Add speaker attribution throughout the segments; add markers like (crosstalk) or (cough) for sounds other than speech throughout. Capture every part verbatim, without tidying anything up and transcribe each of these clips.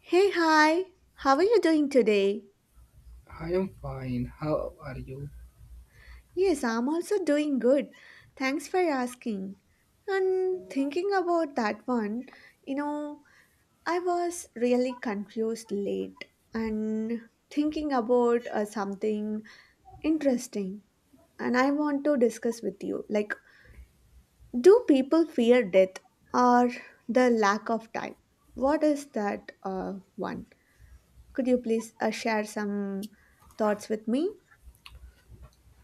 Speaker 1: Hey, hi. How are you doing today?
Speaker 2: I am fine. How are you?
Speaker 1: Yes, I'm also doing good. Thanks for asking. And thinking about that one, you know, I was really confused late and thinking about uh, something interesting. And I want to discuss with you like, do people fear death or the lack of time? What is that uh, one? Could you please uh, share some thoughts with me?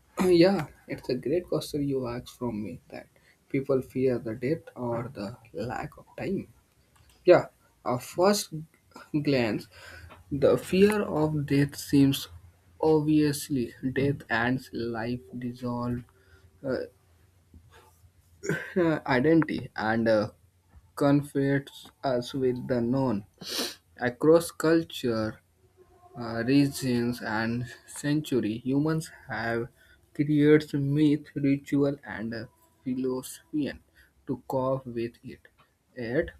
Speaker 2: (clears throat) Yeah, it's a great question you asked from me, that people fear the death or the lack of time. Yeah, at first glance, the fear of death seems obviously death and life dissolve uh, (clears throat) identity and uh, confronts us with the known. Across culture, uh, regions and century, humans have created myth, ritual, and uh, philosophy to cope with it. Yet,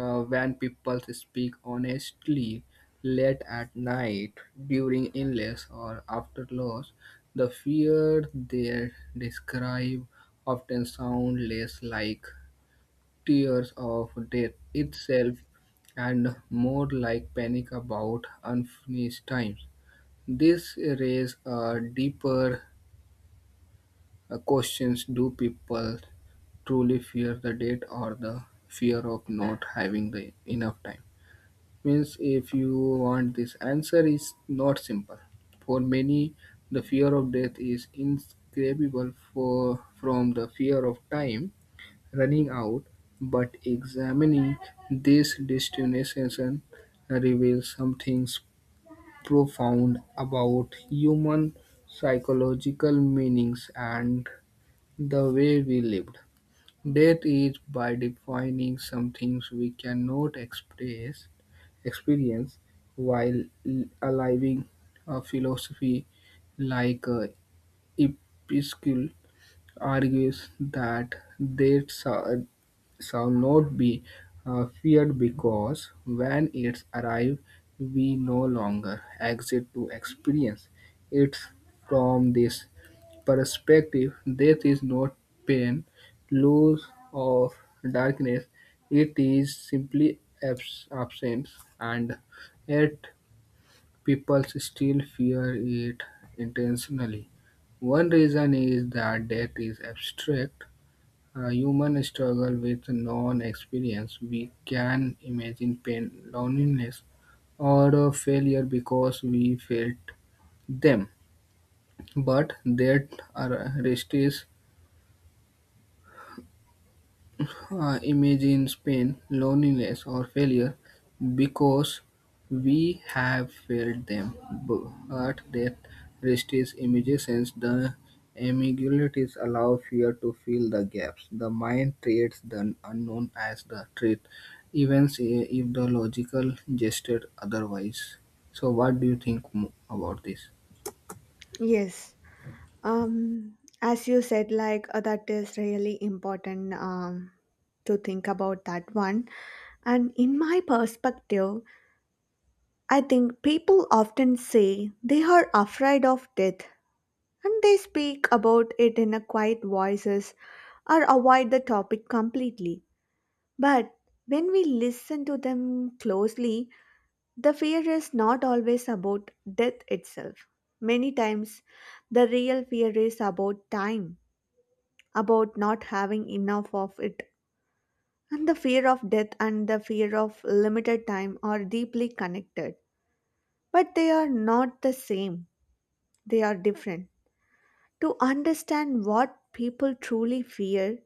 Speaker 2: uh, when people speak honestly late at night, during illness, or after loss, the fear they describe often sound less like tears of death itself and more like panic about unfinished times. This raises a deeper uh, questions: do people truly fear the date or the fear of not having the enough time? Means, if you want this answer, is not simple. For many, the fear of death is inscribable for from the fear of time running out. But examining these destinations reveals something profound about human psychological meanings and the way we lived. Death is by defining some things we cannot express experience while l- alive, a philosophy like uh, Episcule argues that they shall shall not be uh, feared because when it arrives, we no longer exist to experience it from this perspective. Death is not pain, loss of darkness, it is simply abs- absence, and yet people still fear it intentionally. One reason is that death is abstract. Uh, humans struggle with non experience. We can imagine pain, loneliness, or a failure because we felt them. But that uh, resists uh, imagine pain, loneliness, or failure because we have felt them. But that rest resists imaginations, the ambiguities allow fear to fill the gaps. The mind treats the unknown as the truth, even say- if the logical gestured otherwise. So, what do you think mo- about this?
Speaker 1: Yes. Um, as you said, like uh, that is really important um, to think about that one. And in my perspective, I think people often say they are afraid of death, and they speak about it in a quiet voices or avoid the topic completely. But when we listen to them closely, the fear is not always about death itself. Many times, the real fear is about time, about not having enough of it. And the fear of death and the fear of limited time are deeply connected. But they are not the same, they are different. To understand what people truly fear,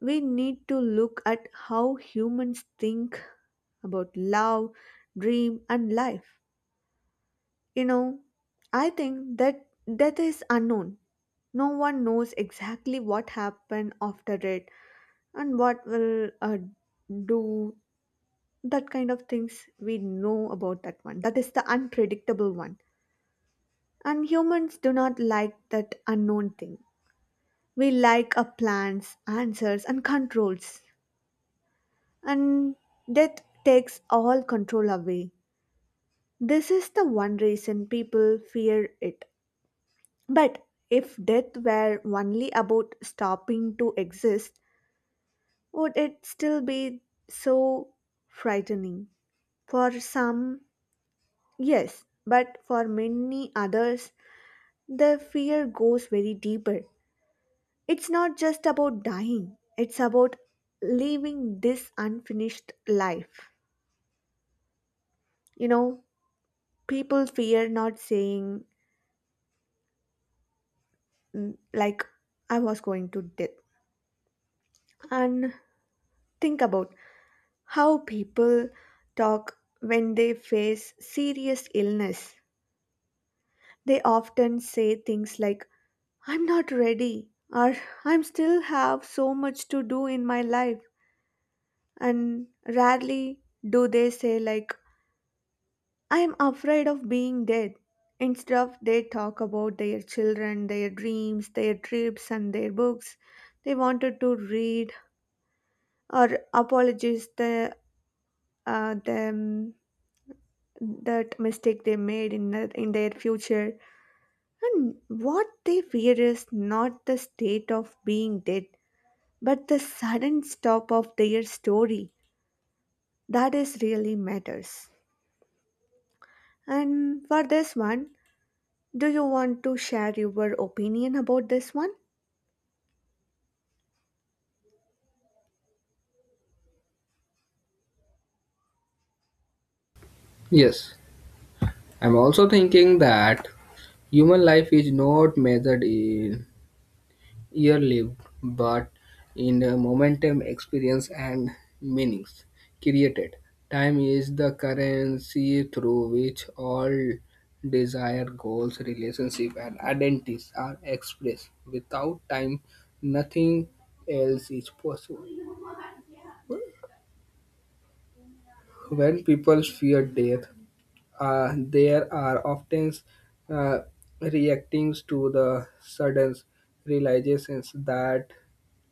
Speaker 1: we need to look at how humans think about love, dream, and life. You know, I think that death is unknown. No one knows exactly what happened after it and what will uh, do that kind of things we know about that one. That is the unpredictable one. And humans do not like that unknown thing. We like our plans, answers, and controls. And death takes all control away. This is the one reason people fear it. But if death were only about stopping to exist, would it still be so frightening? For some, yes, but for many others, the fear goes very deeper. It's not just about dying, it's about leaving this unfinished life. You know, people fear not saying, mm, like, I was going to death. And think about how people talk when they face serious illness. They often say things like, I'm not ready, or I'm still have so much to do in my life. And rarely do they say, like, I'm afraid of being dead. Instead of they talk about their children, their dreams, their trips, and their books they wanted to read, or apologize the, uh, them that mistake they made in the, in their future, and what they fear is not the state of being dead, but the sudden stop of their story that is really matters. And for this one, do you want to share your opinion about this one?
Speaker 2: Yes, I'm also thinking that human life is not measured in year lived, but in the momentum, experience, and meanings created. Time is the currency through which all desire, goals, relationship, and identities are expressed. Without time, nothing else is possible. When people fear death, uh, they are often uh, reacting to the sudden realizations that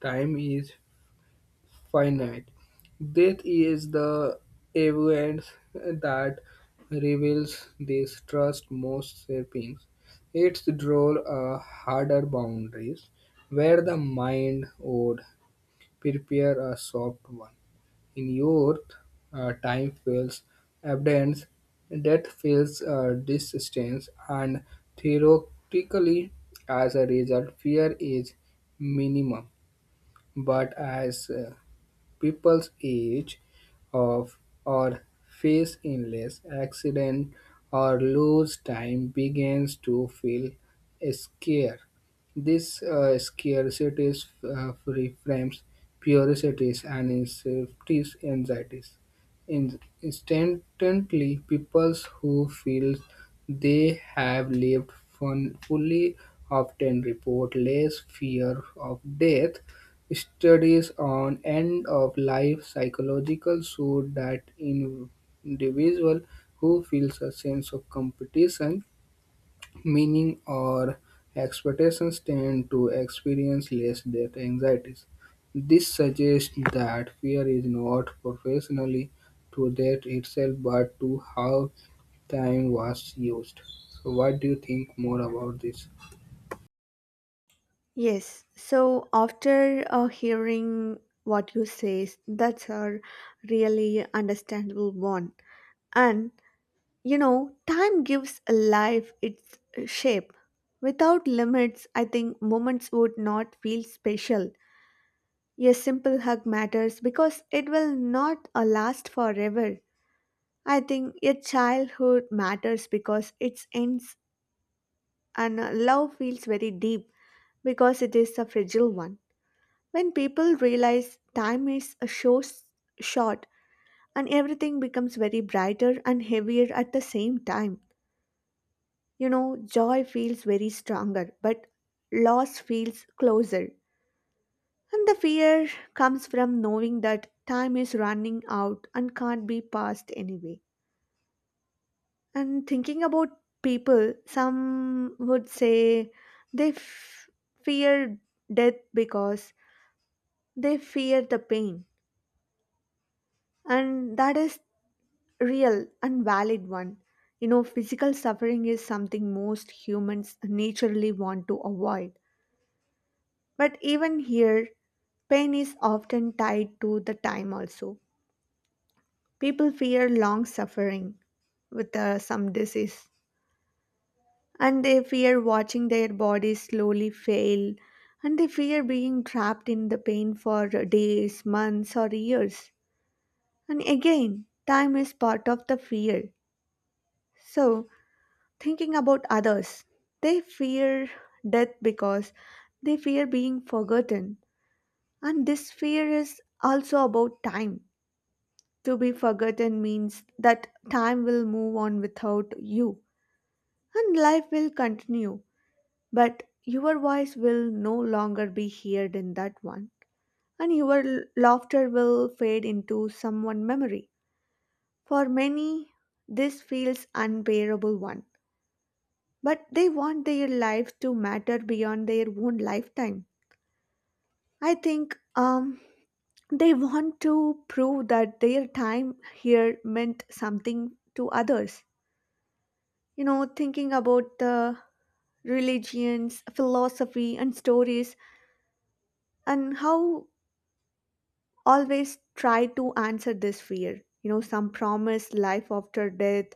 Speaker 2: time is finite. Death is the evidence that reveals this trust most sapiens. Its draw a harder boundaries where the mind would prepare a soft one. In youth, uh, time feels abundance, death feels uh, distance, and theoretically, as a result, fear is minimum. But as uh, people's age of or face illness, accident, or lose time begins to feel scarce. This uh, scarcity uh, reframes purities and instinctive anxieties. In- instantly, people who feel they have lived fun- fully often report less fear of death. Studies on end-of-life psychological show that individual who feels a sense of competition, meaning, or expectations tend to experience less death anxieties. This suggests that fear is not professionally to death itself, but to how time was used. So, what do you think more about this?
Speaker 1: Yes. So after uh, hearing what you say, that's a really understandable one. And you know, time gives a life its uh, shape. Without limits, I think moments would not feel special. A simple hug matters because it will not uh, last forever. I think a childhood matters because it ends, and uh, love feels very deep because it is a fragile one. When people realize time is a so s- short, and everything becomes very brighter and heavier at the same time. You know, joy feels very stronger, but loss feels closer. And the fear comes from knowing that time is running out and can't be passed anyway. And thinking about people, some would say they f- fear death because they fear the pain. And that is real and valid one. You know, physical suffering is something most humans naturally want to avoid. But even here, pain is often tied to the time also. People fear long suffering with uh, some disease, and they fear watching their bodies slowly fail, and they fear being trapped in the pain for days, months, or years. And again, time is part of the fear. So, thinking about others, they fear death because they fear being forgotten, and this fear is also about time. To be forgotten means that time will move on without you and life will continue, but your voice will no longer be heard in that one, and your l- laughter will fade into someone memory. For many, this feels unbearable one, but they want their life to matter beyond their own lifetime. I think um they want to prove that their time here meant something to others. You know, thinking about the religions, philosophy, and stories, and how always try to answer this fear. You know, some promise life after death,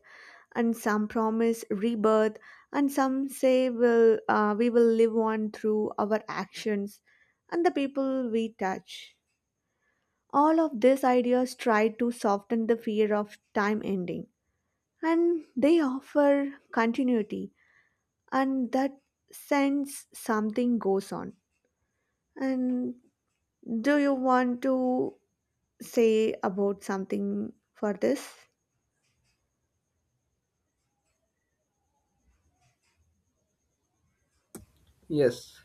Speaker 1: and some promise rebirth, and some say will uh, we will live on through our actions and the people we touch. All of these ideas try to soften the fear of time ending, and they offer continuity, and that sense something goes on. And do you want to say about something for this?
Speaker 2: Yes.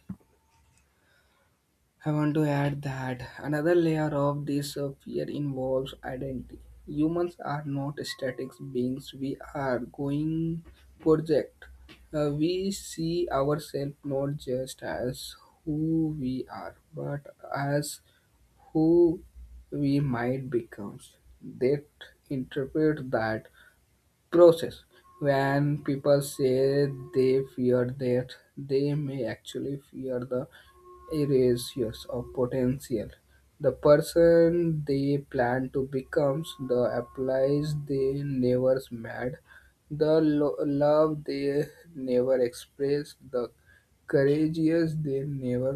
Speaker 2: I want to add that another layer of this uh, fear involves identity. Humans are not static beings, we are going project. Uh, we see ourselves not just as who we are, but as who we might become. They interpret that process. When people say they fear death, they may actually fear the erasures of potential. The person they plan to becomes, the applies they never met, the lo- love they never expressed, the courageous they never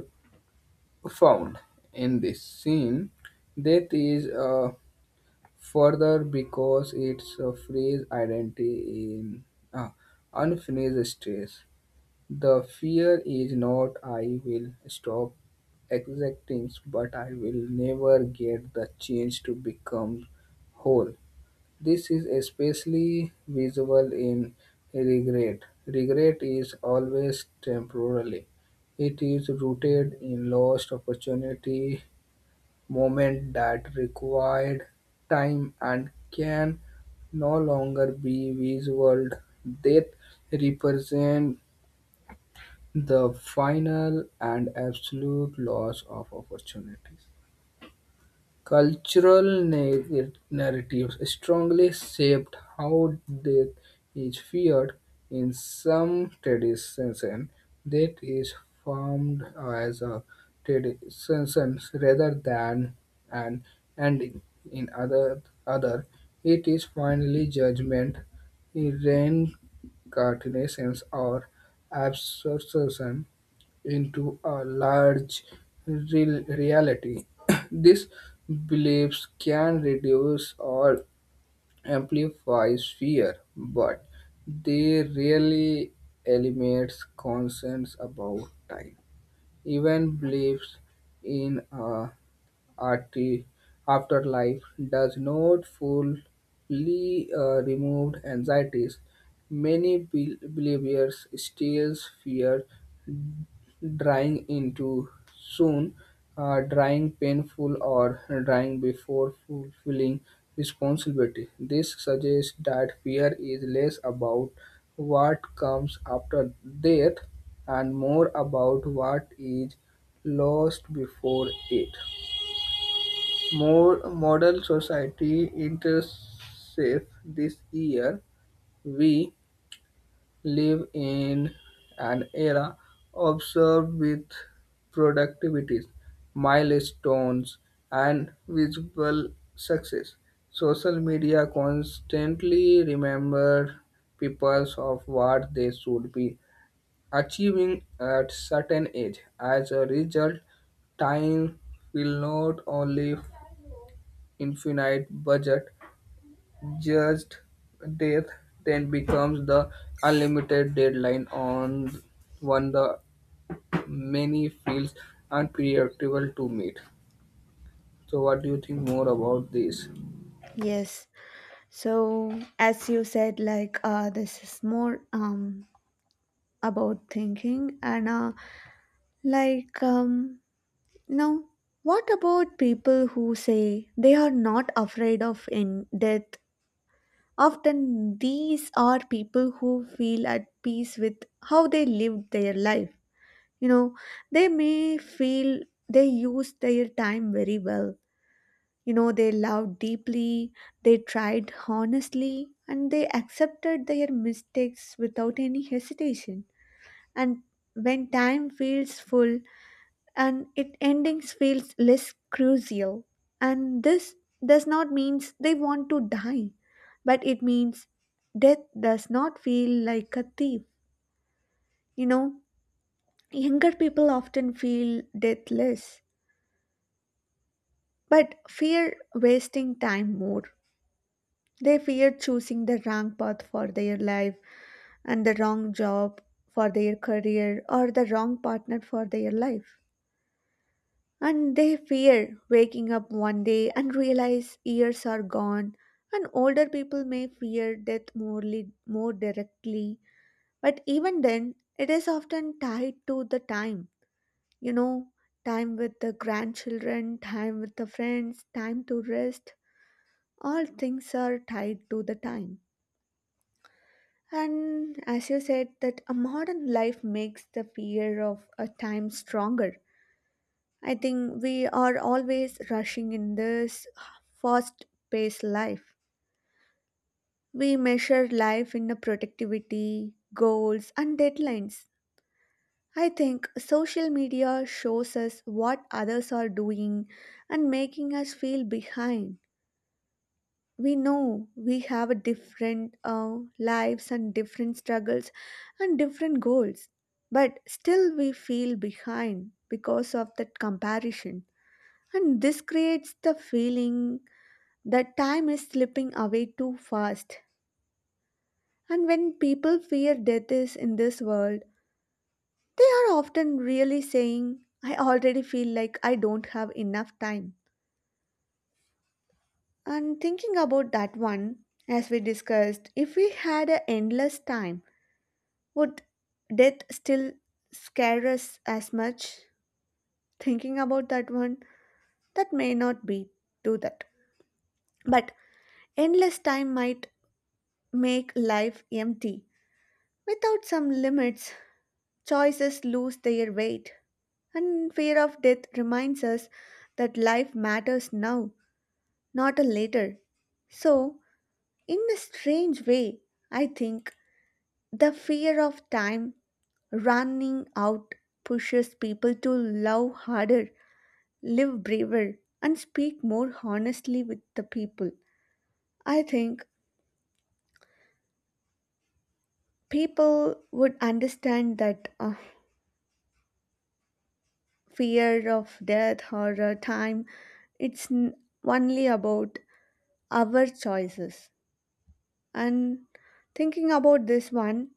Speaker 2: found. In this scene, death is uh, further because it's a phrase identity in uh, unfinished stress. The fear is not I will stop exacting, but I will never get the chance to become whole. This is especially visible in regret. Regret is always temporary. It is rooted in lost opportunity, moment that required time and can no longer be visual. Death represent the final and absolute loss of opportunities. Cultural na- narratives strongly shaped how death is feared. In some traditions, death is formed as a tradition rather than an ending. In other, other, it is finally judgment, reincarnations, or absorption into a large real reality. (coughs) (clears throat) These beliefs can reduce or amplify fear, but they rarely eliminate concerns about time. Even beliefs in a arti- afterlife does not fully uh, remove anxieties. Many bel- believers still fear drying into soon, uh, drying painful or drying before fulfilling responsibility. This suggests that fear is less about what comes after death and more about what is lost before it. More modern society intersects this year. We live in an era observed with productivities, milestones, and visible success. Social media constantly remember people of what they should be achieving at certain age. As a result, time will not only infinite budget judged death then becomes the unlimited deadline on one the many feels unpredictable to meet. So what do you think more about this?
Speaker 1: Yes. So, as you said, like uh, this is more um about thinking and uh, like um now, what about people who say they are not afraid of in death? Often these are people who feel at peace with how they lived their life. You know, they may feel they used their time very well. You know, they loved deeply, they tried honestly, and they accepted their mistakes without any hesitation. And when time feels full, and it endings feels less crucial. And this does not means they want to die, but it means death does not feel like a thief. You know, younger people often feel deathless, but fear wasting time more. They fear choosing the wrong path for their life and the wrong job for their career or the wrong partner for their life. And they fear waking up one day and realize years are gone. And older people may fear death morely, more directly, but even then, it is often tied to the time. You know, time with the grandchildren, time with the friends, time to rest, all things are tied to the time. And as you said, that a modern life makes the fear of a time stronger. I think we are always rushing in this fast paced life. We measure life in the productivity, goals, and deadlines. I think social media shows us what others are doing and making us feel behind. We know we have a different uh, lives and different struggles and different goals, but still we feel behind because of that comparison, and this creates the feeling that time is slipping away too fast. And when people fear death is in this world, they are often really saying, I already feel like I don't have enough time. And thinking about that one, as we discussed, if we had a endless time, would death still scare us as much? Thinking about that one, that may not be do that. But endless time might make life empty. Without some limits, choices lose their weight. And fear of death reminds us that life matters now, not a later. So, in a strange way, I think the fear of time running out pushes people to love harder, live braver, and speak more honestly with the people. I think people would understand that uh, fear of death or uh, time, it's n- only about our choices. And thinking about this one,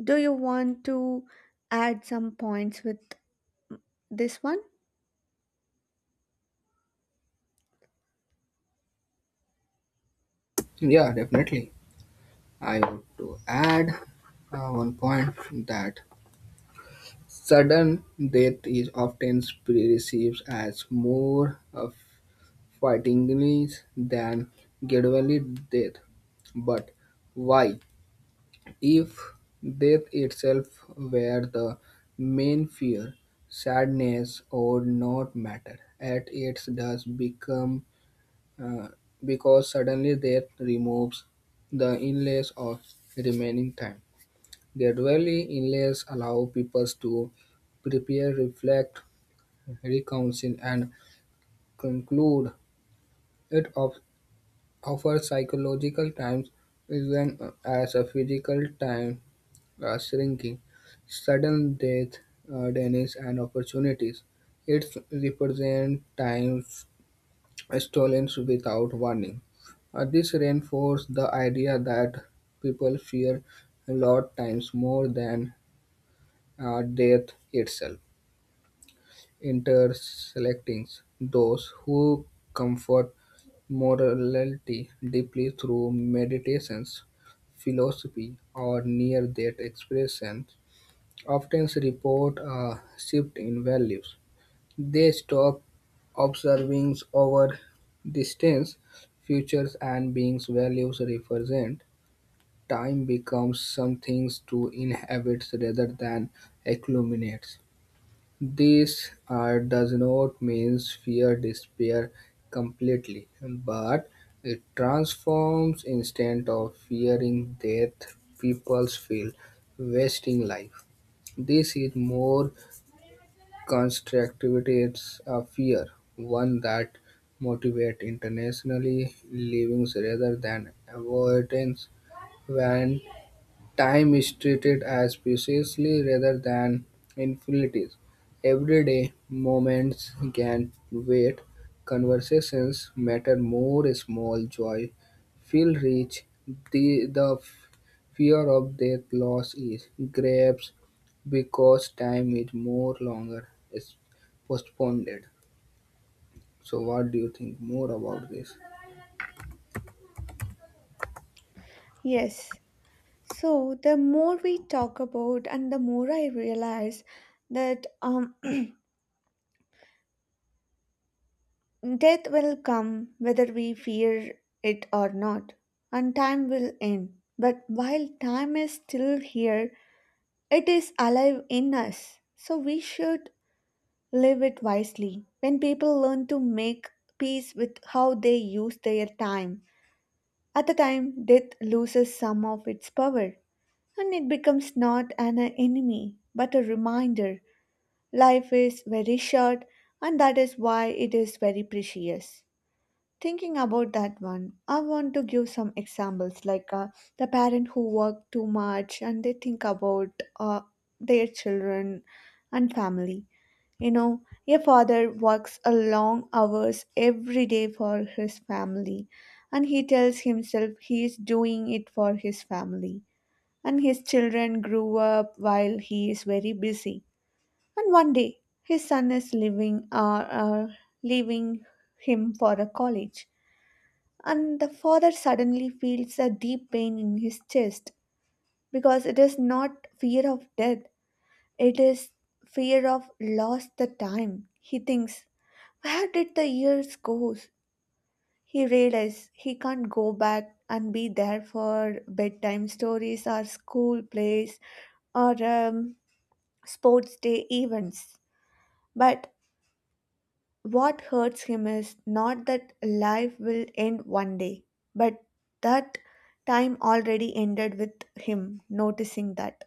Speaker 1: do you want to add some points with this one?
Speaker 2: Yeah, definitely. I want to add uh, one point that sudden death is often perceived as more of fightingly than gradually death. But why? If death itself were the main fear, sadness would not matter. At its does become uh, because suddenly death removes the illness of remaining time. Gradually, illness allow people to prepare, reflect, reconcile, and conclude. It of, offers psychological times even uh, as a physical time uh, shrinking, sudden death, uh, denies, and opportunities. It represents times stolen without warning. Uh, this reinforces the idea that people fear a lot times more than uh, death itself, interselecting those who comfort morality deeply through meditations, philosophy, or near-death expression often report a shift in values. They stop observing over distance, futures, and beings values represent. Time becomes something to inhabit rather than accumulate. This uh, does not mean fear disappear completely, but it transforms instead of fearing death, people feel wasting life. This is more constructive a fear, one that motivates internationally livings rather than avoidance. When time is treated as precisely rather than infinities, everyday moments can wait. Conversations matter more. Small joy feel rich. The, the fear of death loss is grapes because time is more longer is postponed. So, what do you think more about this?
Speaker 1: Yes. So the more we talk about and the more I realize that um (clears throat) death will come whether we fear it or not, and time will end. But while time is still here, it is alive in us. So we should live it wisely. When people learn to make peace with how they use their time, at the time death loses some of its power, and it becomes not an enemy but a reminder life is very short, and that is why it is very precious. Thinking about that one, I want to give some examples like uh, the parent who work too much and they think about uh, their children and family. You know, a father works a long hours every day for his family, and he tells himself he is doing it for his family. And his children grew up while he is very busy. And one day, his son is leaving, uh, uh, leaving him for a college, and the father suddenly feels a deep pain in his chest because it is not fear of death, it is fear of lost the time. He thinks, where did the years go? He realizes he can't go back and be there for bedtime stories or school plays, or um, sports day events. But what hurts him is not that life will end one day, but that time already ended with him noticing that.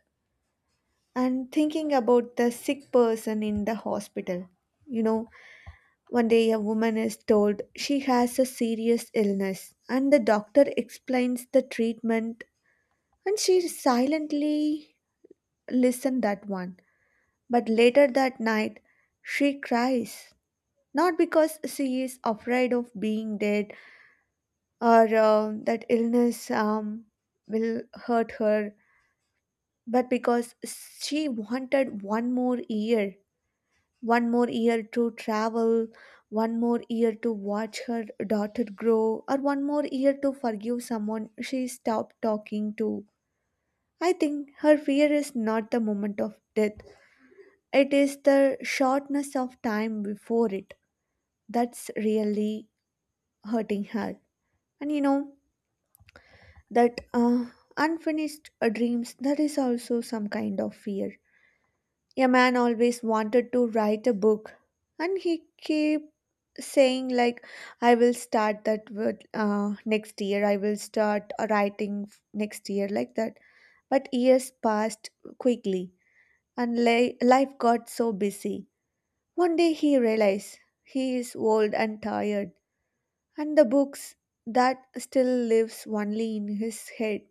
Speaker 1: And thinking about the sick person in the hospital. You know, one day a woman is told she has a serious illness, and the doctor explains the treatment, and she silently listened that one. But later that night, she cries not because she is afraid of being dead or uh, that illness um, will hurt her, but because she wanted one more year, one more year to travel, one more year to watch her daughter grow, or one more year to forgive someone she stopped talking to. I think her fear is not the moment of death, it is the shortness of time before it. That's really hurting her. And you know that uh, unfinished uh, dreams, that is also some kind of fear. A man always wanted to write a book, and he kept saying like, I will start that with, uh, next year, I will start writing f- next year, like that. But years passed quickly, and li- life got so busy. One day he realized he is old and tired, and the books that still lives only in his head.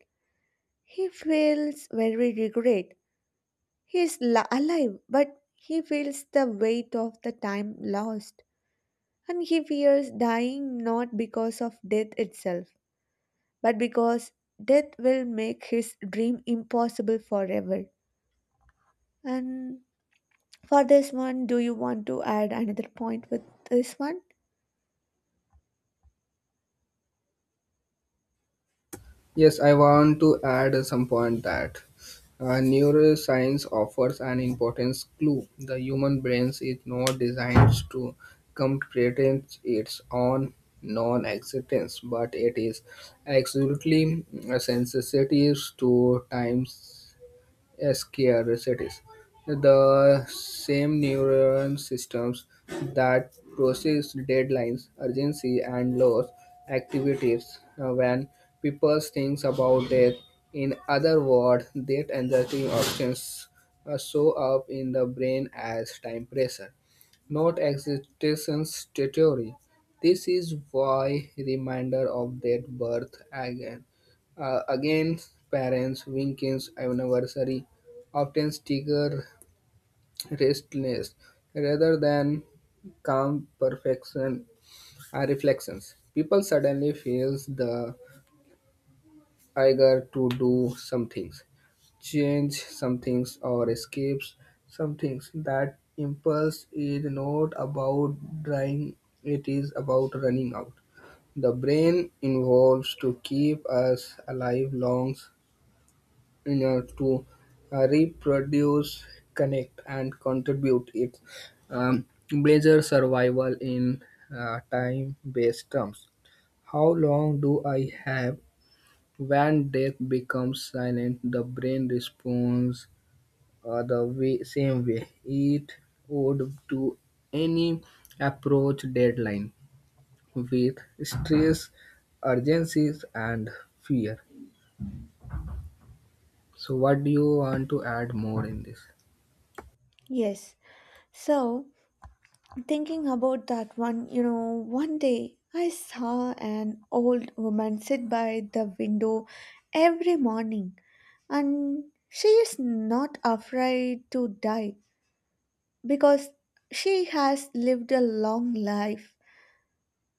Speaker 1: He feels very regret. He is la- alive, but he feels the weight of the time lost. And he fears dying not because of death itself, but because death will make his dream impossible forever. And for this one, do you want to add another point with this one?
Speaker 2: Yes, I want to add some point that uh, neuroscience offers an important clue. The human brain is not designed to comprehend its own non-existence, but it is absolutely uh, sensitive to time, scared cities. The same neuron systems that process deadlines, urgency, and loss activities uh, when people think about death. In other words, death anxiety options uh, show up in the brain as time pressure not existence theory. This is why reminder of death birth again uh, against parents, Winkins anniversary often sticker restlessness rather than calm perfection uh, reflections. People suddenly feels the eager to do some things, change some things, or escapes some things. That impulse is not about dying; it is about running out. The brain involves to keep us alive long, you know, to uh, reproduce, connect, and contribute its um, blazer survival in uh, time-based terms. How long do I have? When death becomes silent, the brain responds uh, the way, same way it would to any approach deadline with stress, urgencies, and fear. So, what do you want to add more in this?
Speaker 1: Yes. So, thinking about that one, you know, one day I saw an old woman sit by the window every morning, and she is not afraid to die because she has lived a long life,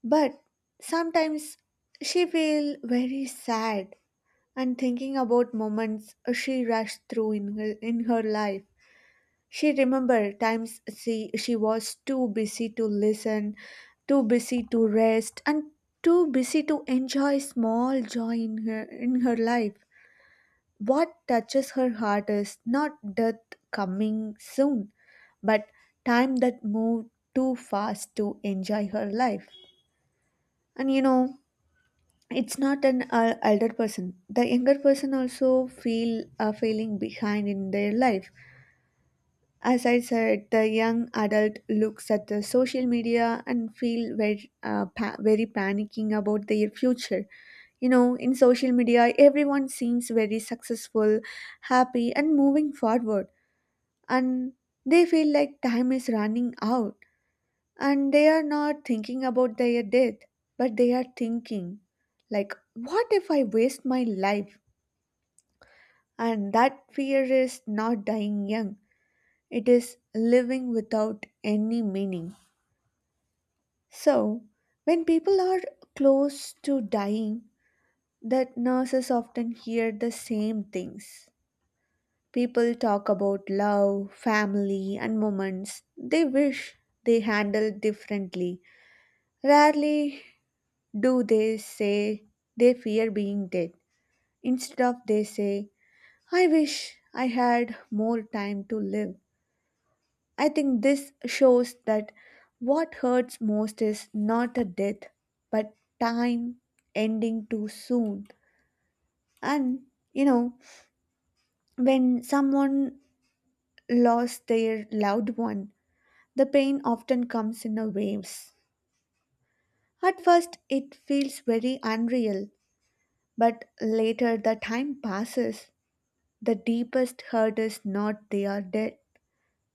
Speaker 1: but sometimes she feels very sad and thinking about moments she rushed through in her, in her life. She remember times she, she was too busy to listen, too busy to rest, and too busy to enjoy small joy in her in her life. What touches her heart is not death coming soon, but time that moved too fast to enjoy her life. And you know, it's not an uh, elder person. The younger person also feel uh, feeling behind in their life. As I said, the young adult looks at the social media and feel very, uh, pa- very panicking about their future. You know, in social media, everyone seems very successful, happy, and moving forward, and they feel like time is running out, and they are not thinking about their death, but they are thinking like, what if I waste my life? And that fear is not dying young, it is living without any meaning. So when people are close to dying, that nurses often hear the same things. People talk about love, family, and moments they wish they handled differently. Rarely do they say they fear being dead. Instead of they say, I wish I had more time to live. I think this shows that what hurts most is not a death, but time ending too soon. And you know, when someone lost their loved one, the pain often comes in a waves. At first, it feels very unreal, but later the time passes, the deepest hurt is not they are dead,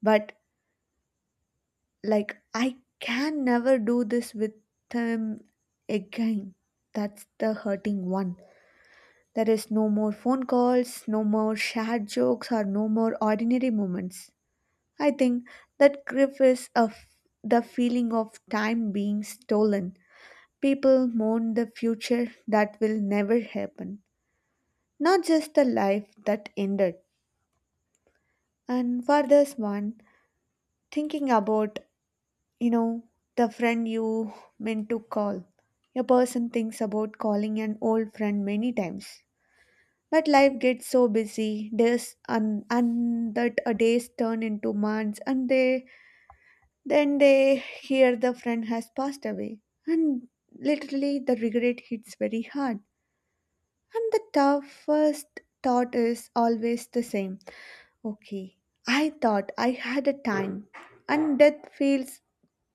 Speaker 1: but like, I can never do this with them again. That's the hurting one. There is no more phone calls, no more shared jokes, or no more ordinary moments. I think that grief is of the feeling of time being stolen. People mourn the future that will never happen, not just the life that ended. And for this one, thinking about, you know, the friend you meant to call. A person thinks about calling an old friend many times. But life gets so busy, days and, and that a days turn into months, and they then they hear the friend has passed away. And literally the regret hits very hard. And the toughest thought is always the same. Okay. I thought I had a time, and death feels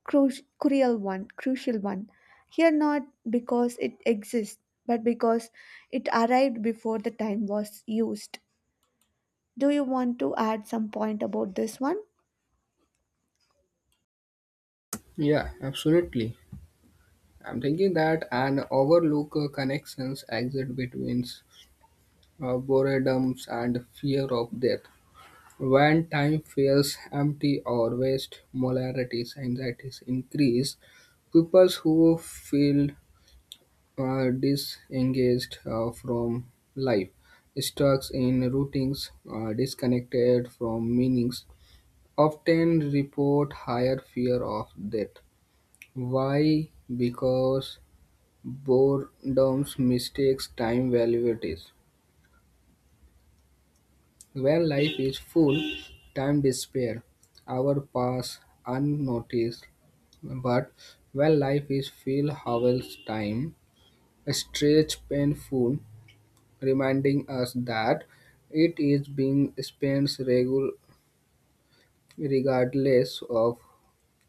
Speaker 1: cru- cruel one, crucial one. Here, not because it exists, but because it arrived before the time was used. Do you want to add some point about this one?
Speaker 2: Yeah, absolutely. I'm thinking that an overlook uh, connections exist between uh, boredoms and fear of death. When time feels empty or waste, molarities, anxieties increase. People who feel uh, disengaged uh, from life, stuck in routines, uh, disconnected from meanings, often report higher fear of death. Why? Because boredom mistakes time valuables. When life is full, time disappears. Hours pass unnoticed, but when life is filled, hours time stretch painful, reminding us that it is being spent regu- regardless of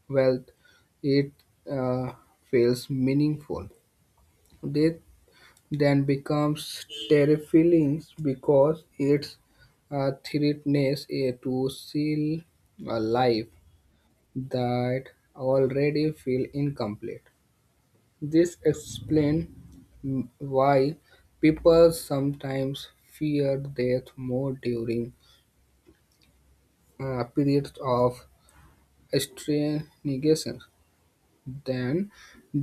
Speaker 2: wealth. It uh, feels meaningful. This then becomes terrifying because it's it threatens uh, to seal a life that already feel incomplete. This explains why people sometimes fear death more during uh, periods of stagnation than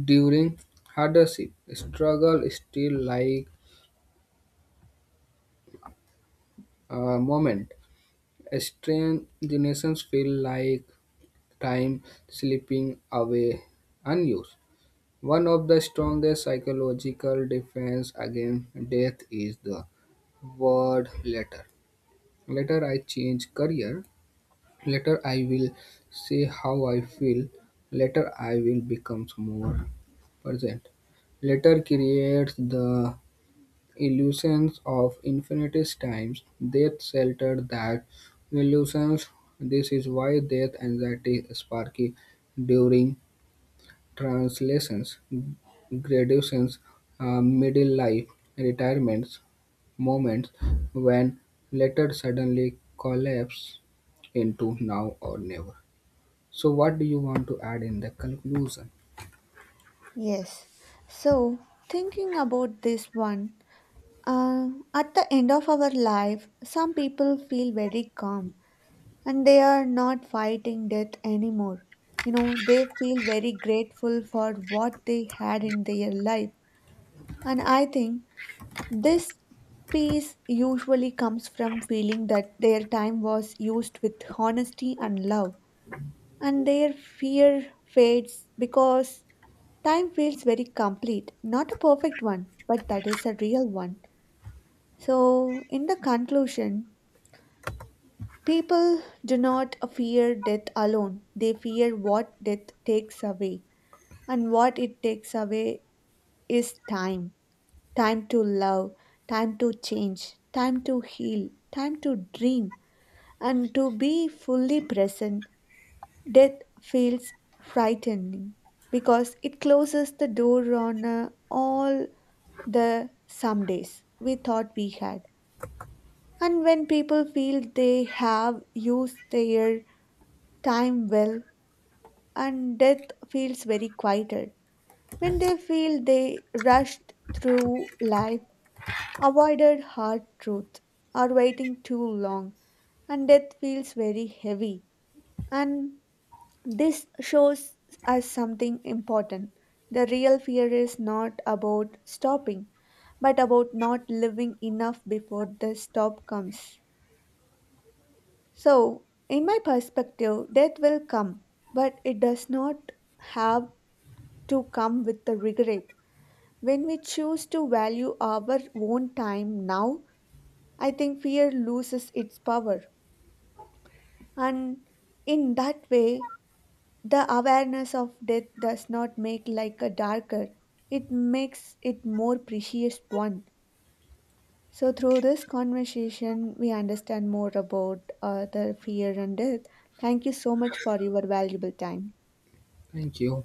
Speaker 2: during hardship. Struggle still like a moment. Strange generations feel like time slipping away unused. One of the strongest psychological defense against death is the word later. Later I change career. Later I will say how I feel. Later I will become more present. Later creates the illusions of infinities times, death sheltered that illusions. This is why death anxiety sparky during translations, graduations, uh, middle life, retirements, moments when later suddenly collapse into now or never. So what do you want to add in the conclusion?
Speaker 1: Yes. So, thinking about this one, uh, at the end of our life, some people feel very calm, and they are not fighting death anymore. You know, they feel very grateful for what they had in their life. And I think this peace usually comes from feeling that their time was used with honesty and love, and their fear fades because time feels very complete. Not a perfect one, but that is a real one. So, in the conclusion, people do not fear death alone, they fear what death takes away. And what it takes away is time, time to love, time to change, time to heal, time to dream, and to be fully present. Death feels frightening because it closes the door on uh, all the some days we thought we had. And when people feel they have used their time well, and death feels very quieter. When they feel they rushed through life, avoided hard truth, or waiting too long, and death feels very heavy. And this shows us something important. The real fear is not about stopping, but about not living enough before the stop comes. So, in my perspective, death will come, but it does not have to come with the regret. When we choose to value our own time now, I think fear loses its power. And in that way, the awareness of death does not make like a darker, it makes it more precious one. So through this conversation, we understand more about uh, the fear and death. Thank you so much for your valuable time.
Speaker 2: Thank you.